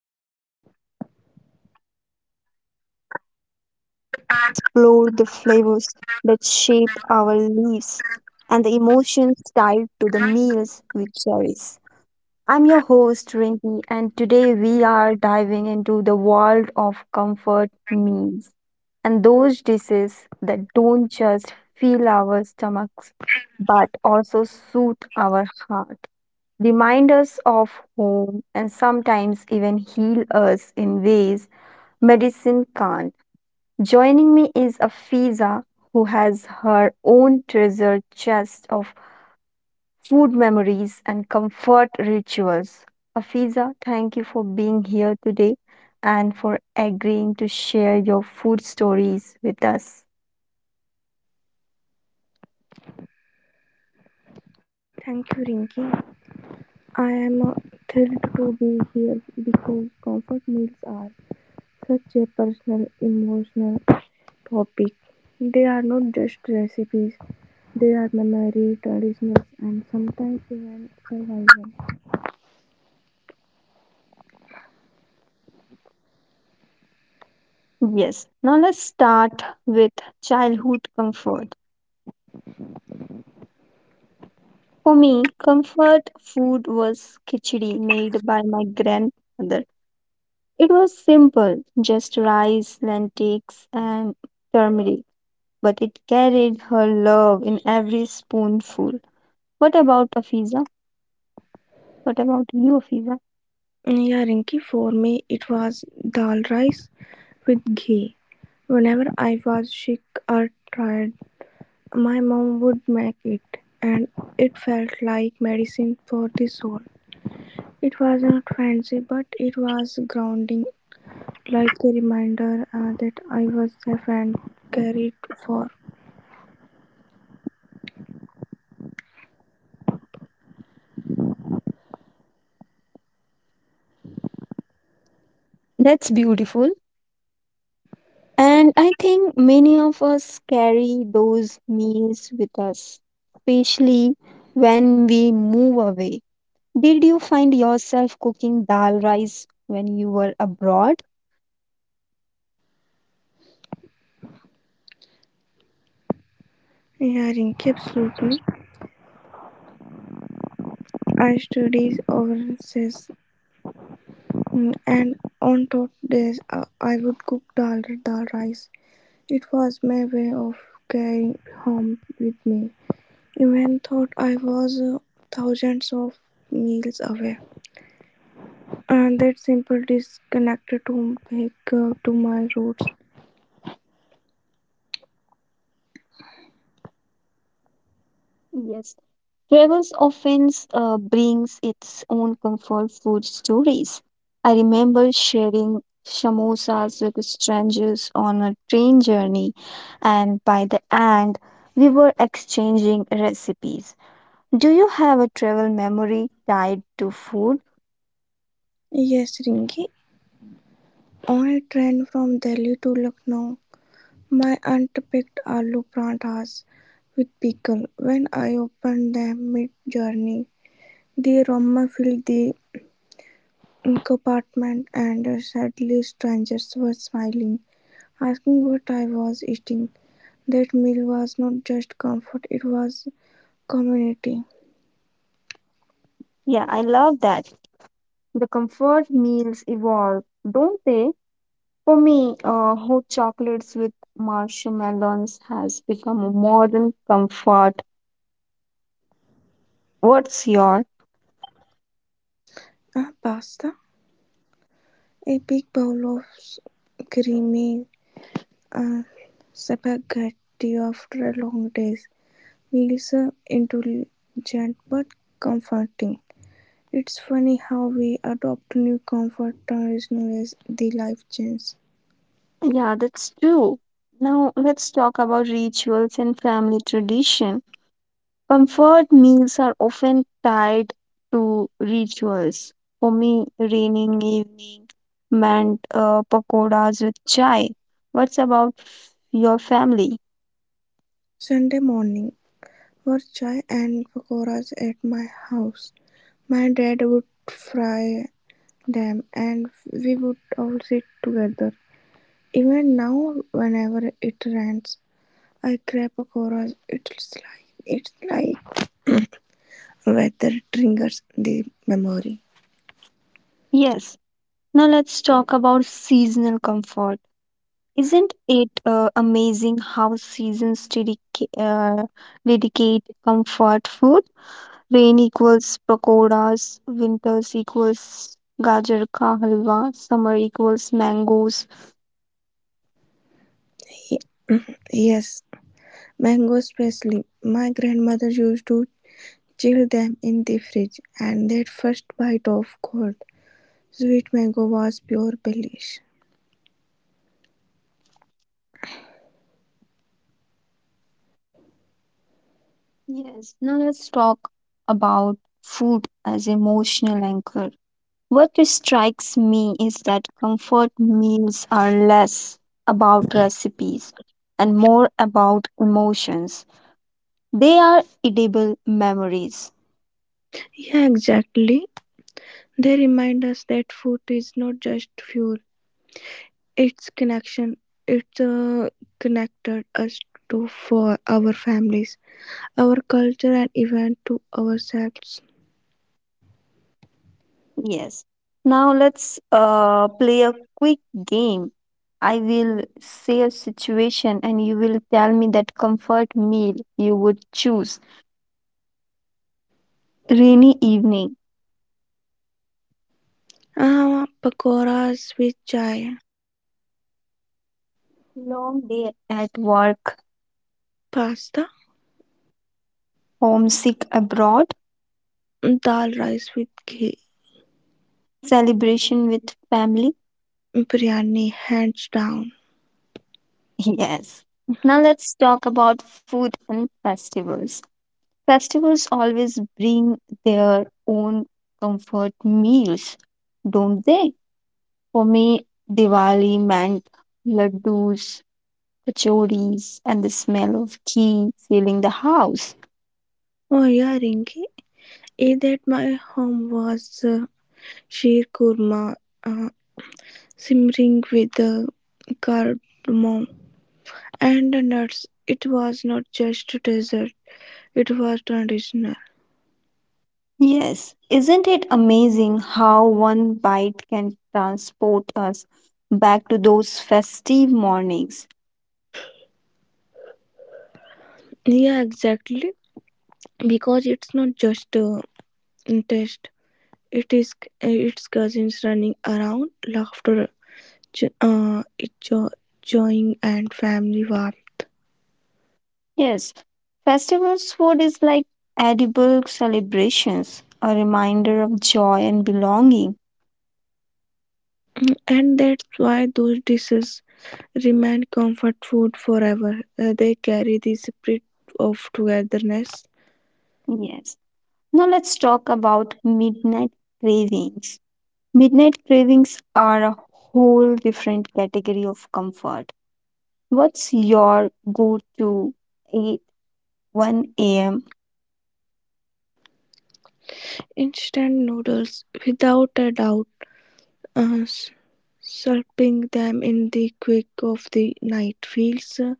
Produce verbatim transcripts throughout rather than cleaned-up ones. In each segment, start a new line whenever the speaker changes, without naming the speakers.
Rinky's Talk, the podcast where we explore the flavors that shape our lives and the emotions tied to the meals we cherish. I'm your host, Rinki, and today we are diving into the world of comfort meals and those dishes that don't just fill our stomachs but also soothe our heart, remind us of home, and sometimes even heal us in ways medicine can't. Joining me is Afiza, who has her own treasure chest of food memories, and comfort rituals. Afiza, thank you for being here today and for agreeing to share your food stories with us.
Thank you, Rinki. I am uh, thrilled to be here because comfort meals are such a personal, emotional topic. They are not just recipes, they are memory, traditions, and sometimes even survival.
Yes, now let's start with childhood comfort. For me, comfort food was khichdi made by my grandmother. It was simple, just rice, lentils, and turmeric, but it carried her love in every spoonful. What about Afiza? What about you, Fiza?
Yeah, Rinki. For me it was dal rice with ghee. Whenever I was sick or tired, my mom would make it, and it felt like medicine for the soul. It was not fancy, but it was grounding, like a reminder uh, that I was safe and cared for.
That's beautiful. And I think many of us carry those meals with us, especially when we move away. Did you find yourself cooking dal rice when you were abroad?
Hearing, absolutely. I studied overseas, mm, and on top days uh, I would cook dal dal rice. It was my way of carrying home with me. Even thought I was uh, thousands of miles away, and that simple disconnected home back uh, to my roots.
Yes, travels often uh, brings its own comfort food stories. I remember sharing samosas with strangers on a train journey, and by the end, we were exchanging recipes. Do you have a travel memory tied to food?
Yes, Rinki. On a train from Delhi to Lucknow, my aunt picked aloo parathas with pickle. When I opened them mid journey, the aroma filled the compartment, and sadly, strangers were smiling, asking what I was eating. That meal was not just comfort, it was community.
Yeah, I love that. The comfort meals evolve, don't they? For me, uh, hot chocolates with marshmallows has become a modern comfort. What's your?
Ah, pasta? A big bowl of s- creamy uh, spaghetti after a long day. Meals are indulgent but comforting. It's funny how we adopt new comfort tradition as the life changes.
Yeah, that's true. Now let's talk about rituals and family tradition. Comfort meals are often tied to rituals. For me, raining evening meant uh, pakoras with chai. What's about your family?
Sunday morning were chai and pakoras at my house. My dad would fry them and we would all sit together. Even now, whenever it rains, I grab pakoras. It's like it's like weather triggers the memory.
Yes. Now let's talk about seasonal comfort. Isn't it uh, amazing how seasons dedica- uh, dedicate comfort food? Rain equals pakoras, winters equals gajar ka halwa, summer equals mangoes.
Yes, mango especially, my grandmother used to chill them in the fridge, and that first bite of cold, sweet mango was pure bliss.
Yes, now let's talk about food as emotional anchor. What strikes me is that comfort meals are less about recipes and more about emotions. They are edible memories.
Yeah, exactly. They remind us that food is not just fuel, it's connection. It uh, connected us to for our families, our culture, and even to ourselves.
Yes. Now let's uh, play a quick game. I will say a situation and you will tell me that comfort meal you would choose. Rainy evening,
Uh, pakoras with chai,
long day at work,
pasta,
homesick abroad,
dal rice with ghee,
celebration with family.
biryani, hands down.
Yes. Now let's talk about food and festivals. Festivals always bring their own comfort meals, don't they? For me, Diwali meant laddus, kachoris, and the smell of ghee filling the house.
Oh yeah, Rinki. Eid at my home was uh, sheer kurma, uh, simmering with uh, cardamom and nuts. It was not just a dessert; it was traditional.
Yes, isn't it amazing how one bite can transport us back to those festive mornings?
Yeah, exactly. Because it's not just a taste; it is uh, its cousins running around, laughter, jo- uh, jo- joy, and family warmth.
Yes, festivals food is like edible celebrations, a reminder of joy and belonging.
And that's why those dishes remain comfort food forever. Uh, they carry the spirit of togetherness.
Yes. Now let's talk about midnight cravings. Midnight cravings are a whole different category of comfort. What's your go to at one a m?
Instant noodles, without a doubt, uh, s- slurping them in the quick of the night feels uh,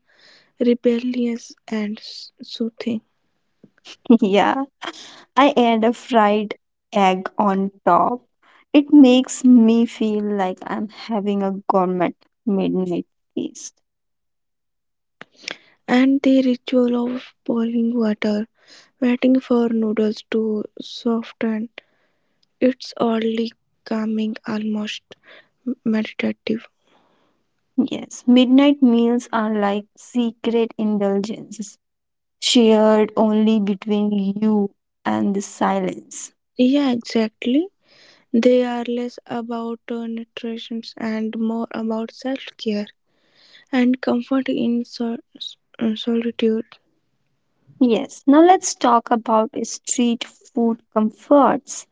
rebellious and s- soothing.
Yeah, I add a fried egg on top. It makes me feel like I'm having a gourmet midnight feast.
And the ritual of boiling water, waiting for noodles to soften, it's oddly calming, almost meditative.
Yes, midnight meals are like secret indulgences shared only between you and the silence.
Yeah, exactly. They are less about uh, nutrition and more about self-care and comfort in sol- uh, solitude.
Yes, now let's talk about street food comforts.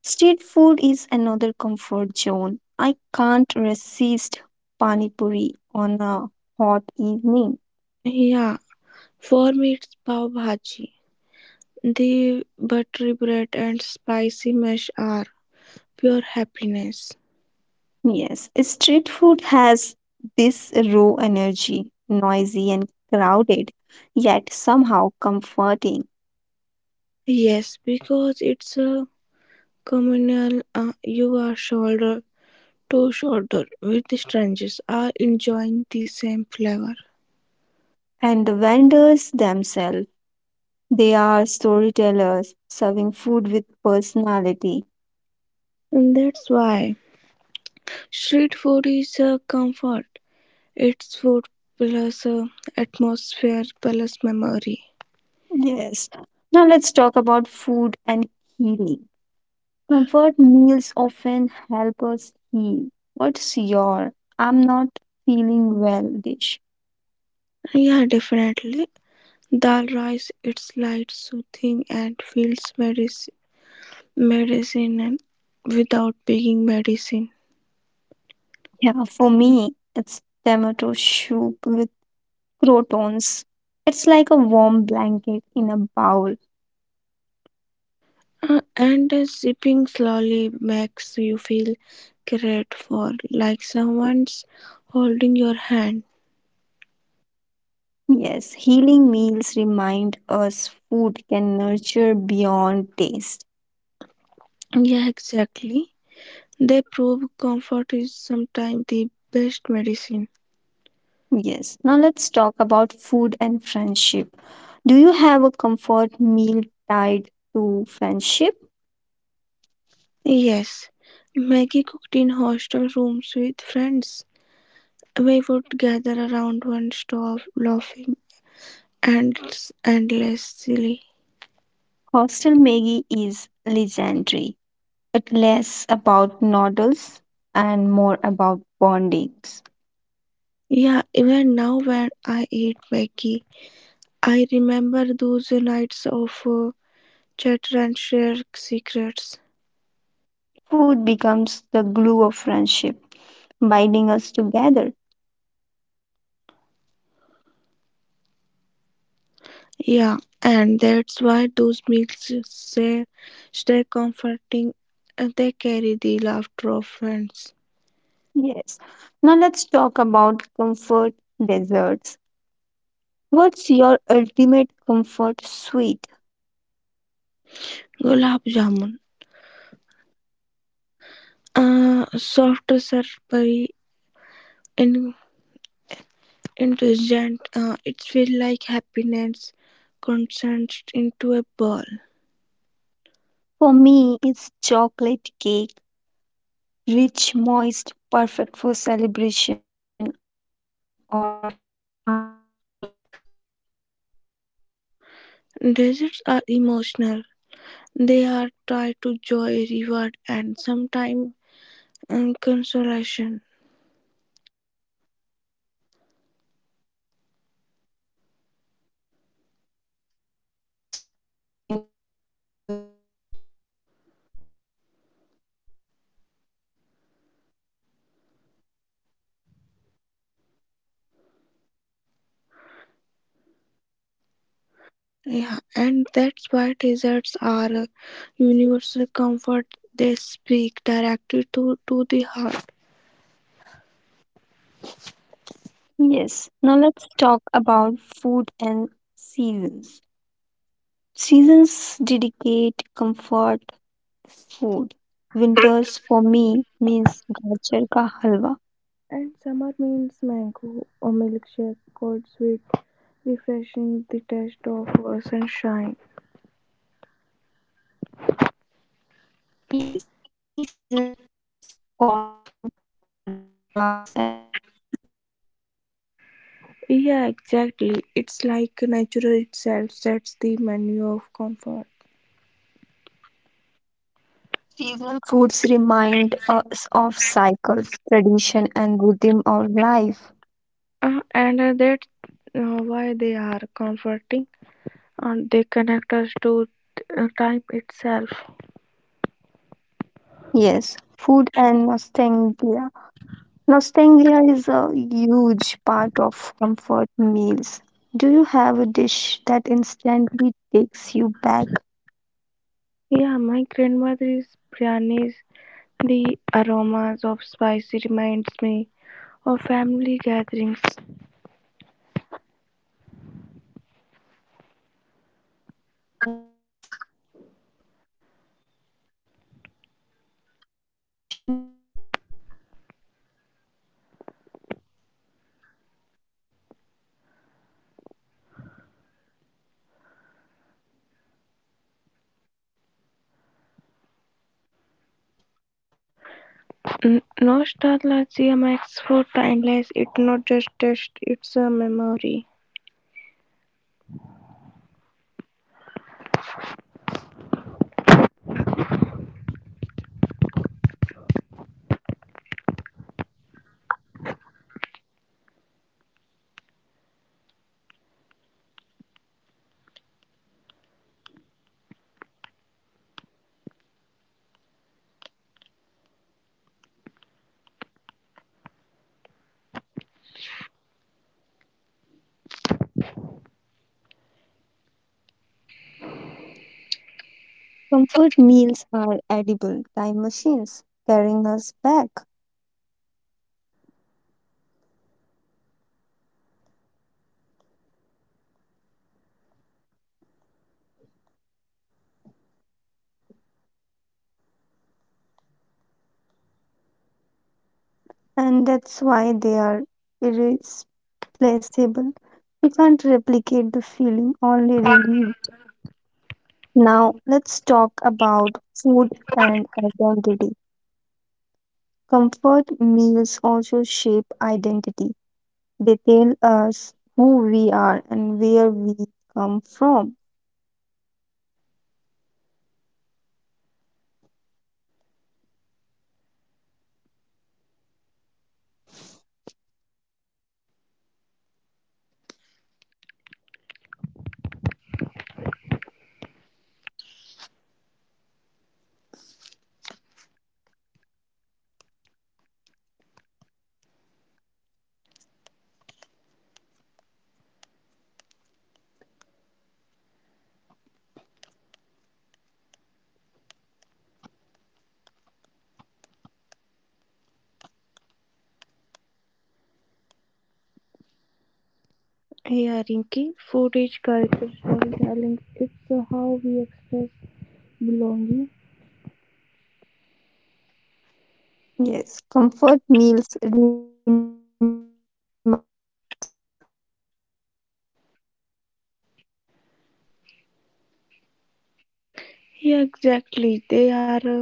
Street food is another comfort zone. I can't resist pani puri on a hot evening.
Yeah, for me it's pav bhaji. The buttery bread and spicy mash are pure happiness.
Yes, street food has this raw energy, noisy and crowded, yet somehow comforting.
Yes, because it's a communal. Uh, you are shoulder to shoulder with the strangers, are enjoying the same flavor,
And the vendors themselves, they are storytellers, serving food with personality.
and that's why street food is a comfort. It's food plus uh, atmosphere plus memory.
Yes. Now let's talk about food and healing. Comfort meals often help us heal. What's your I'm not feeling well dish?
Yeah, definitely. Dal rice, it's light, soothing, and feels medicine, medicine and without being medicine.
Yeah, for me, it's tomato soup with croutons. It's like a warm blanket in a bowl.
Uh, and uh, sipping slowly makes you feel great for like someone's holding your hand.
Yes, healing meals remind us food can nurture beyond taste.
Yeah, exactly. They prove comfort is sometimes the best medicine.
Yes. Now let's talk about food and friendship. Do you have a comfort meal tied to friendship?
Yes, Maggie cooked in hostel rooms with friends. We would gather around one stove, laughing and endlessly.
Hostel Maggie is legendary. It less about noodles and more about bondings.
Yeah, even now when I eat Maggie, I remember those nights of uh, chatter and share secrets.
Food becomes the glue of friendship, binding us together.
Yeah, and that's why those meals say, stay comforting and they carry the laughter of friends.
Yes. Now let's talk about comfort desserts. What's your ultimate comfort sweet?
Gulab Jamun. Uh, soft sir in enthusiasm, it feels like happiness condensed into a ball.
For me, it's chocolate cake. Rich, moist, perfect for celebration or heartbreak.
Deserts are emotional. They are tied to joy, reward, and sometimes um, consolation.
Yes, they are edible hugs, sweet reminders of love.
Yeah, and that's why deserts are a universal comfort. They speak directly to, to the heart.
Yes, now let's talk about food and seasons. Seasons dedicate comfort food. Winters for me means gajar ka halwa.
And summer means mango or milkshake, cold sweet, refreshing the taste of uh, sunshine.
Yes, rainy season always calls for pakoras and chai.
Yeah, exactly. It's like nature itself sets the menu of comfort.
Seasonal foods remind us of cycles, tradition, and rhythm of life.
Uh, and uh, that's uh, why they are comforting and they connect us to uh, time itself.
Yes, food and nostalgia. Nostalgia is a huge part of comfort meals. Do you have a dish that instantly takes you back?
Yeah, my grandmother's biryanis, the aromas of spicy reminds me of family gatherings.
For me, it's parathas with pickle. One bite, and I'm back in my childhood kitchen.
N- nostalgia makes food timeless. It's not just taste, it's a memory.
Comfort meals are edible time machines carrying us back, and that's why they are irreplaceable. You can't replicate the feeling, only relieve. Now, let's talk about food and identity. Comfort meals also shape identity, they tell us who we are and where we come from.
Yeah, Rinky, food is cultural storytelling. It's uh, how we express belonging.
Yes, comfort meals remind us of our roots even as we evolve.
Yeah, exactly. They are uh,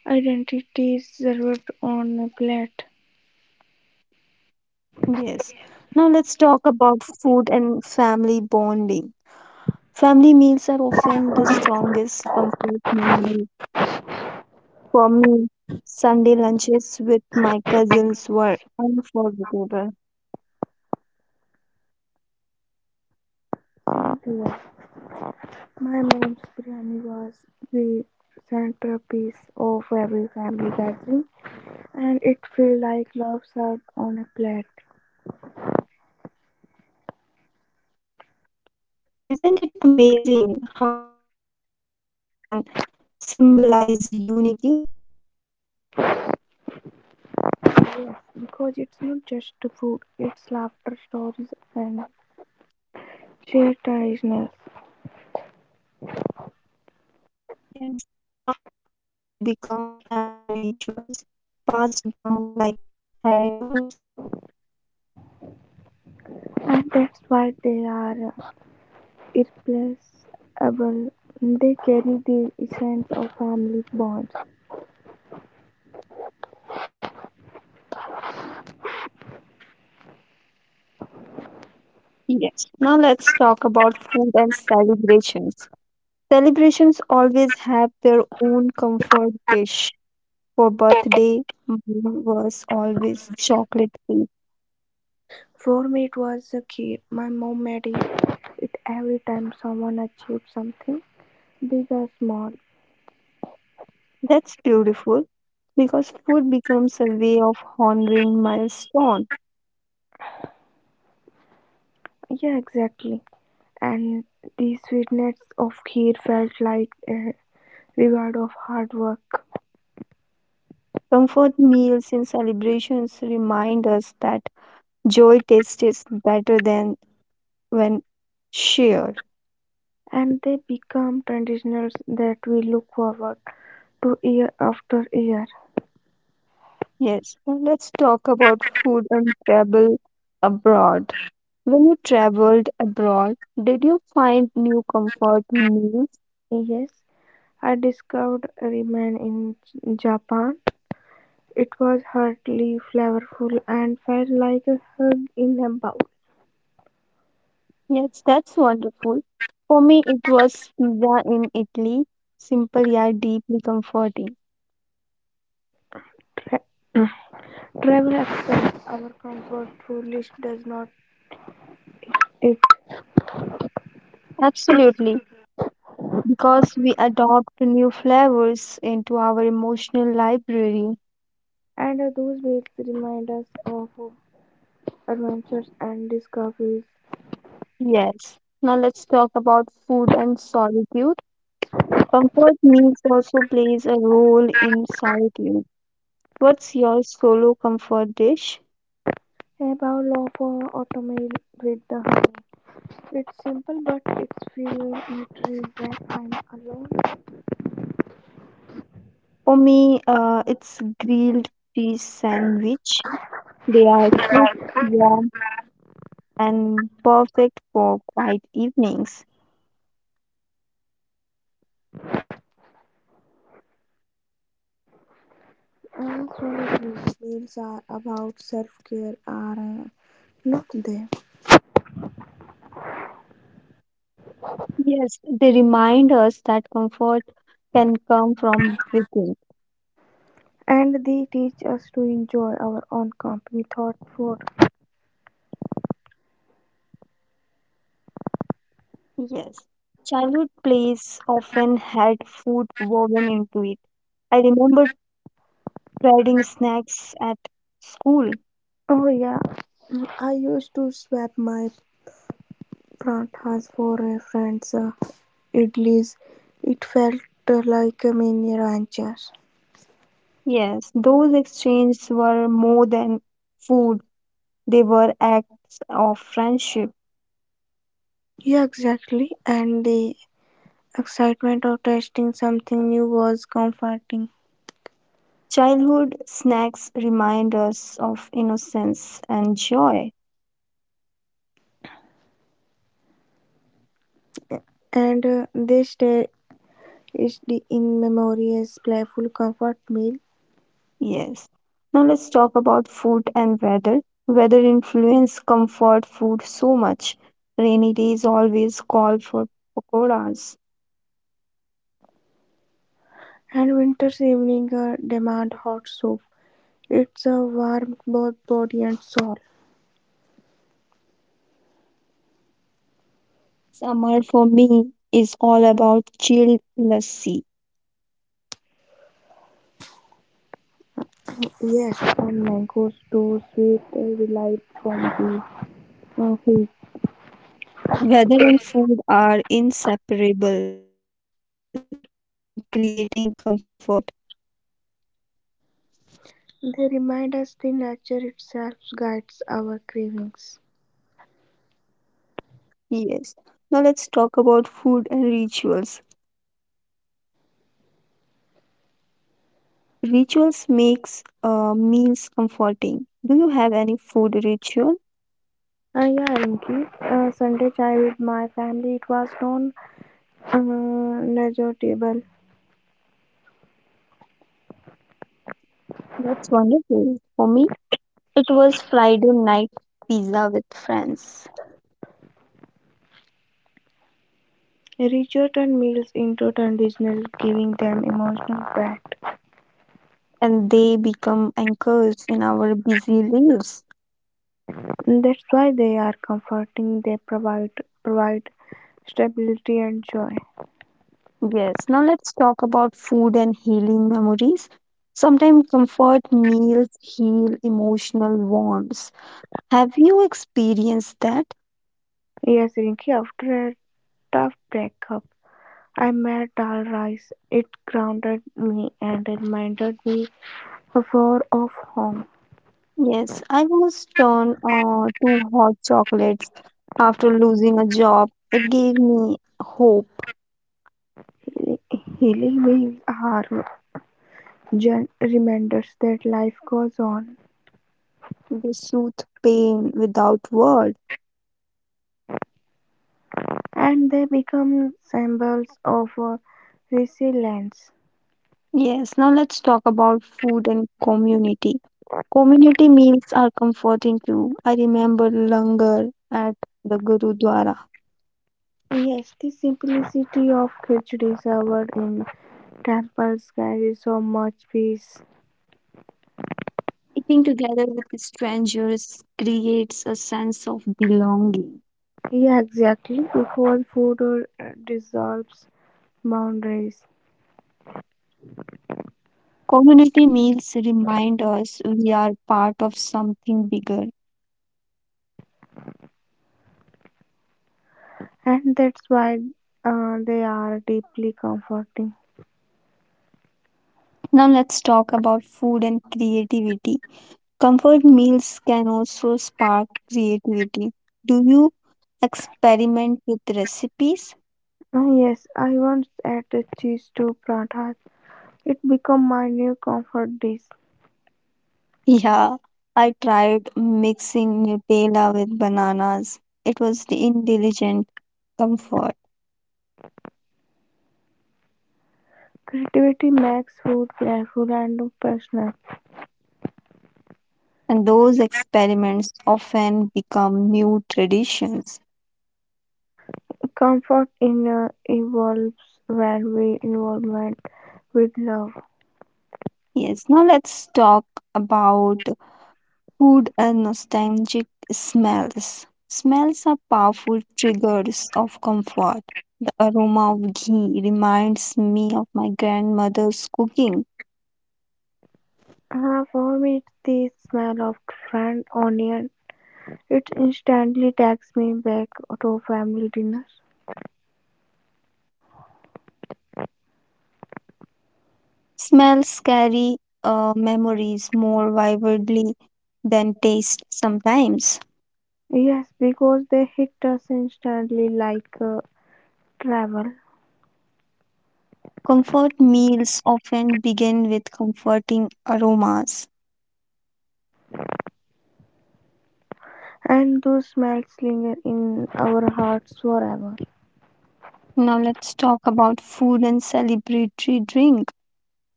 identities served on a plate.
Yes. Now let's talk about food and family bonding. Family meals are often the strongest comfort memory. For me, Sunday lunches with my cousins were unforgettable.
Yeah. My mom's biryani was the centerpiece of every family gathering, and it felt like love served on a plate.
Isn't it amazing how one dish can symbolize unity?
Yes, because it's not just the food, it's laughter, stories, and shared traditions.
Yes. Comfort meals become family rituals passed down like heirlooms.
And that's why they are uh, irreplaceable, they carry the essence of family bonds.
Yes. Now let's talk about food and celebrations. Celebrations always have their own comfort dish. For birthday, mine was always chocolate cake.
For me, it was the key. My mom made it, it every time someone achieved something, big or small.
That's beautiful because food becomes a way of honoring milestone.
Yeah, exactly. And the sweetness of kheer felt like a reward of hard work.
Comfort meals in celebrations remind us that joy tastes better than when shared.
And they become traditions that we look forward to year after year.
Yes, now let's talk about food and travel abroad. When you traveled abroad, did you find new comfort meals?
Yes, I discovered ramen in Japan. It was heartily flavorful and felt like a hug in a bowl.
Yes, that's wonderful. For me, it was pizza in Italy, simple yet deeply comforting.
Tra- Travel expands our comfort food list does not it,
Absolutely, because we adopt new flavors into our emotional library.
and those meals remind us of adventures and discoveries.
Yes. Now let's talk about food and solitude. Comfort meals also plays a role in solitude. What's your solo comfort dish?
A bowl of uh, oatmeal with the honey. It's simple but it's full nutrients that I'm alone.
For me, uh, it's grilled cheese sandwich. They are quick, warm, and perfect for quiet evenings.
And solid meals are about self-care are uh, not there.
Yes, they remind us that comfort can come from within.
And they teach us to enjoy our own company. Thought for
Yes. Childhood plays often had food woven into it. I remember trading snacks at school.
oh yeah. Mm, I used to swap my parathas for a friend's uh, idlis. It felt uh, like a mini ranchers.
Yes, those exchanges were more than food, they were acts of friendship.
Yeah, exactly, and the excitement of testing something new was comforting.
Childhood snacks remind us of innocence and joy.
And uh, they stay is the in memory as playful comfort meal.
Yes. Now let's talk about food and weather. Weather influence comfort food so much. Rainy days always call for pakoras.
And winter's evening uh, demand hot soup. It's a warm both body and soul.
Summer for me is all about chilled lassi.
Yes, from mangoes to sweet delight from the uh, heat.
Weather and food are inseparable in creating comfort.
They remind us the nature itself guides our cravings.
Yes. Now let's talk about food and rituals. Rituals makes uh, meals comforting. Do you have any food ritual?
Uh, yeah, Rinki. Uh, Sunday chai with my family. It was non uh, table.
That's wonderful. For me, it was Friday night pizza with friends,
Richer turned meals into traditional, giving them emotional back.
and they become anchors in our busy lives.
That's why they are comforting. They provide provide stability and joy.
Yes, now let's talk about food and healing memories. Sometimes comfort meals heal emotional wounds. Have you experienced that?
Yes, Rinki. After tough breakup, I met Dal Rice. It grounded me and reminded me of far of home.
Yes, I was turned uh, to hot chocolates after losing a job. It gave me hope.
Healing wheels are gen- reminders that life goes on,
They soothe pain without words.
and they become symbols of uh, resilience.
Yes, now let's talk about food and community. Community meals are comforting too. I remember langar at the Gurudwara.
Yes, the simplicity of khichdi served in temples carries so much peace.
Eating together with strangers creates a sense of belonging.
Yeah, exactly, because food uh, dissolves boundaries.
Community meals remind us we are part of something bigger.
And that's why uh, they are deeply comforting.
Now let's talk about food and creativity. Comfort meals can also spark creativity. Do you experiment with recipes?
Ah, yes, I once added cheese to pratas. It became my new comfort dish.
Yeah, I tried mixing Nutella with bananas. It was the intelligent comfort.
Creativity makes food playful and personal.
And those experiments often become new traditions.
Comfort in uh, evolves when we involvement with love.
Yes, now let's talk about food and nostalgic smells. Smells are powerful triggers of comfort. The aroma of ghee reminds me of my grandmother's cooking.
Ah, for me, it's the smell of fried onion. It instantly takes me back to family dinners.
Smells carry uh, memories more vividly than taste sometimes.
Yes, because they hit us instantly like uh, travel.
Comfort meals often begin with comforting aromas.
And those smells linger in our hearts forever.
Now let's talk about food and celebratory drink.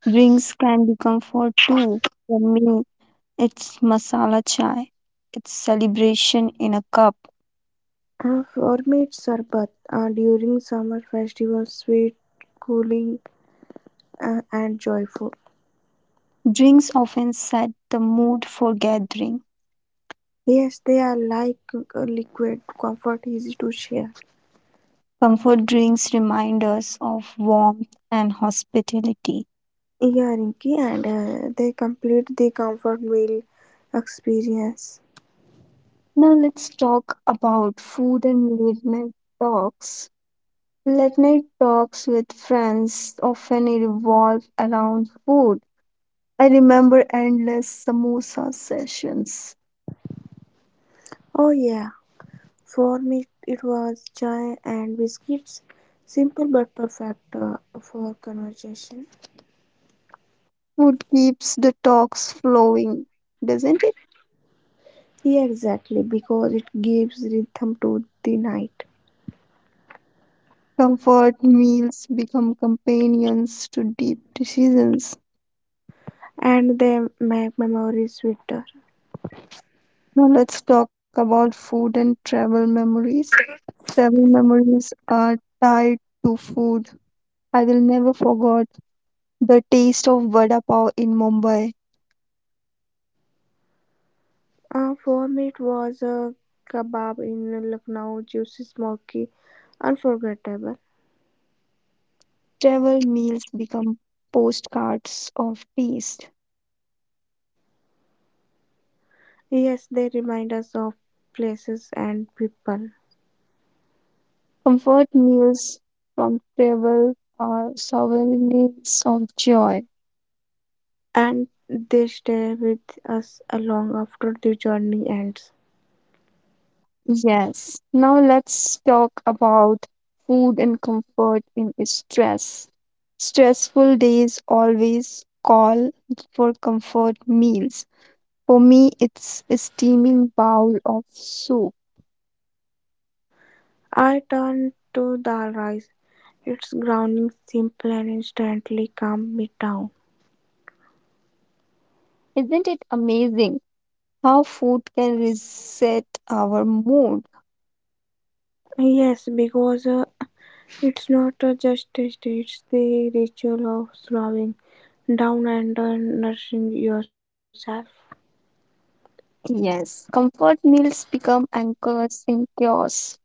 Drinks can be comfort too. For me, it's masala chai. It's celebration in a cup.
Uh, for me, it's sarbat. Uh, during summer festivals, sweet, cooling, uh, and joyful.
Drinks often set the mood for gathering.
Yes, they are like uh, liquid comfort, easy to share.
Comfort drinks remind us of warmth and hospitality.
Yeah, Rinki, and uh, they complete the comfort meal experience.
Now let's talk about food and late night talks. Late night talks with friends often revolve around food. I remember endless samosa sessions.
Oh yeah, for me it was chai and biscuits, simple but perfect uh, for conversation.
Food keeps the talks flowing, doesn't it?
Yeah, exactly, because it gives rhythm to the night
Comfort meals become companions to deep decisions.
and they make memories sweeter.
Now let's talk about food and travel memories. Travel memories are tied to food. I will never forget the taste of vada pav in Mumbai.
Uh, for me, it was a kebab in Lucknow, juicy, smoky, unforgettable.
Travel meals become postcards of taste.
Yes, they remind us of places and people,
Comfort meals from travel are souvenirs of joy.
and they stay with us long after the journey ends.
Yes. Now let's talk about food and comfort in stress. Stressful days always call for comfort meals. For me, it's a steaming bowl of soup.
I turn to dal rice. It's grounding, simple, and instantly calm me down.
Isn't it amazing how food can reset our mood?
Yes, because uh, it's not a just test, it's the ritual of slowing down and uh, nourishing yourself.
Yes. Comfort meals become anchors in chaos.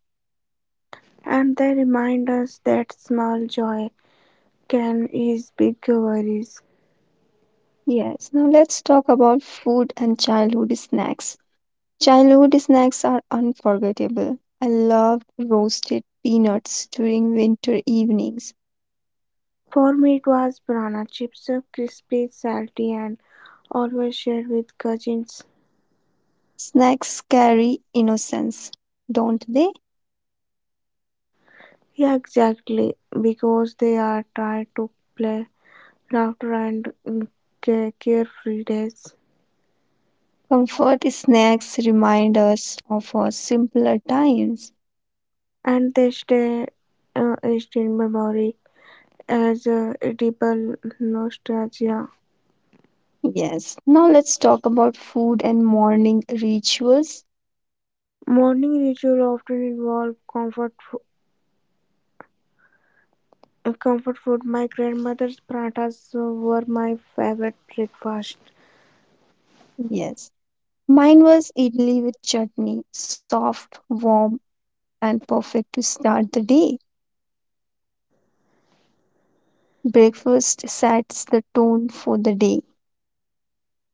And they remind us that small joy can ease big worries.
Yes. Now let's talk about food and childhood snacks. Childhood snacks are unforgettable. I loved roasted peanuts during winter evenings.
For me, it was banana chips, uh, crispy, salty, and always shared with cousins.
Snacks carry innocence, don't they?
Yeah, exactly, because they are tried to play laughter and mm, ca- carefree days,
Comfort snacks remind us of our simpler times.
and they stay uh, etched in memory as uh, edible nostalgia.
Yes. Now let's talk about food and morning rituals.
Morning ritual often involved comfort fo- uh, comfort food. My grandmother's parathas were my favorite breakfast.
Yes. Mine was idli with chutney, soft, warm, and perfect to start the day. Breakfast sets the tone for the day.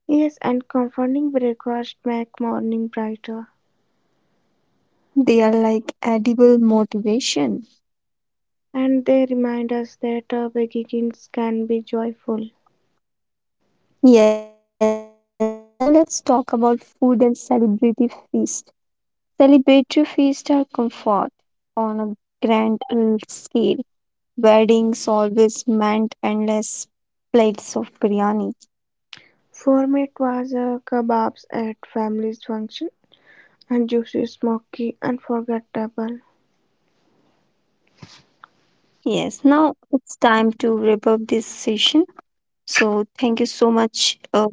Yes, and comforting breakfast make morning brighter.
They are like edible motivation.
And they remind us that uh, begins can be joyful.
Yes, now let's talk about food and celebratory feast. Celebratory feasts are comfort on a grand uh, scale. Weddings always meant endless plates of biryani.
For me, it was uh, kebabs at family's function and juicy, smoky, unforgettable.
Yes, now it's time to wrap up this session. So thank you so much, uh,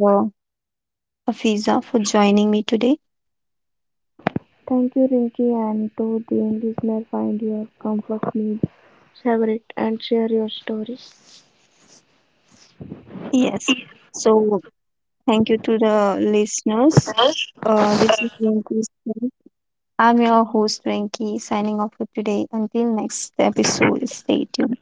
Afiza, for joining me today.
Thank you, Rinki, and to the listener, find your comfort meal, savor it, and share your stories.
Yes. So thank you to the listeners. Uh, this is Rinku's. I'm your host, Frankie, signing off for today. Until next episode, stay tuned.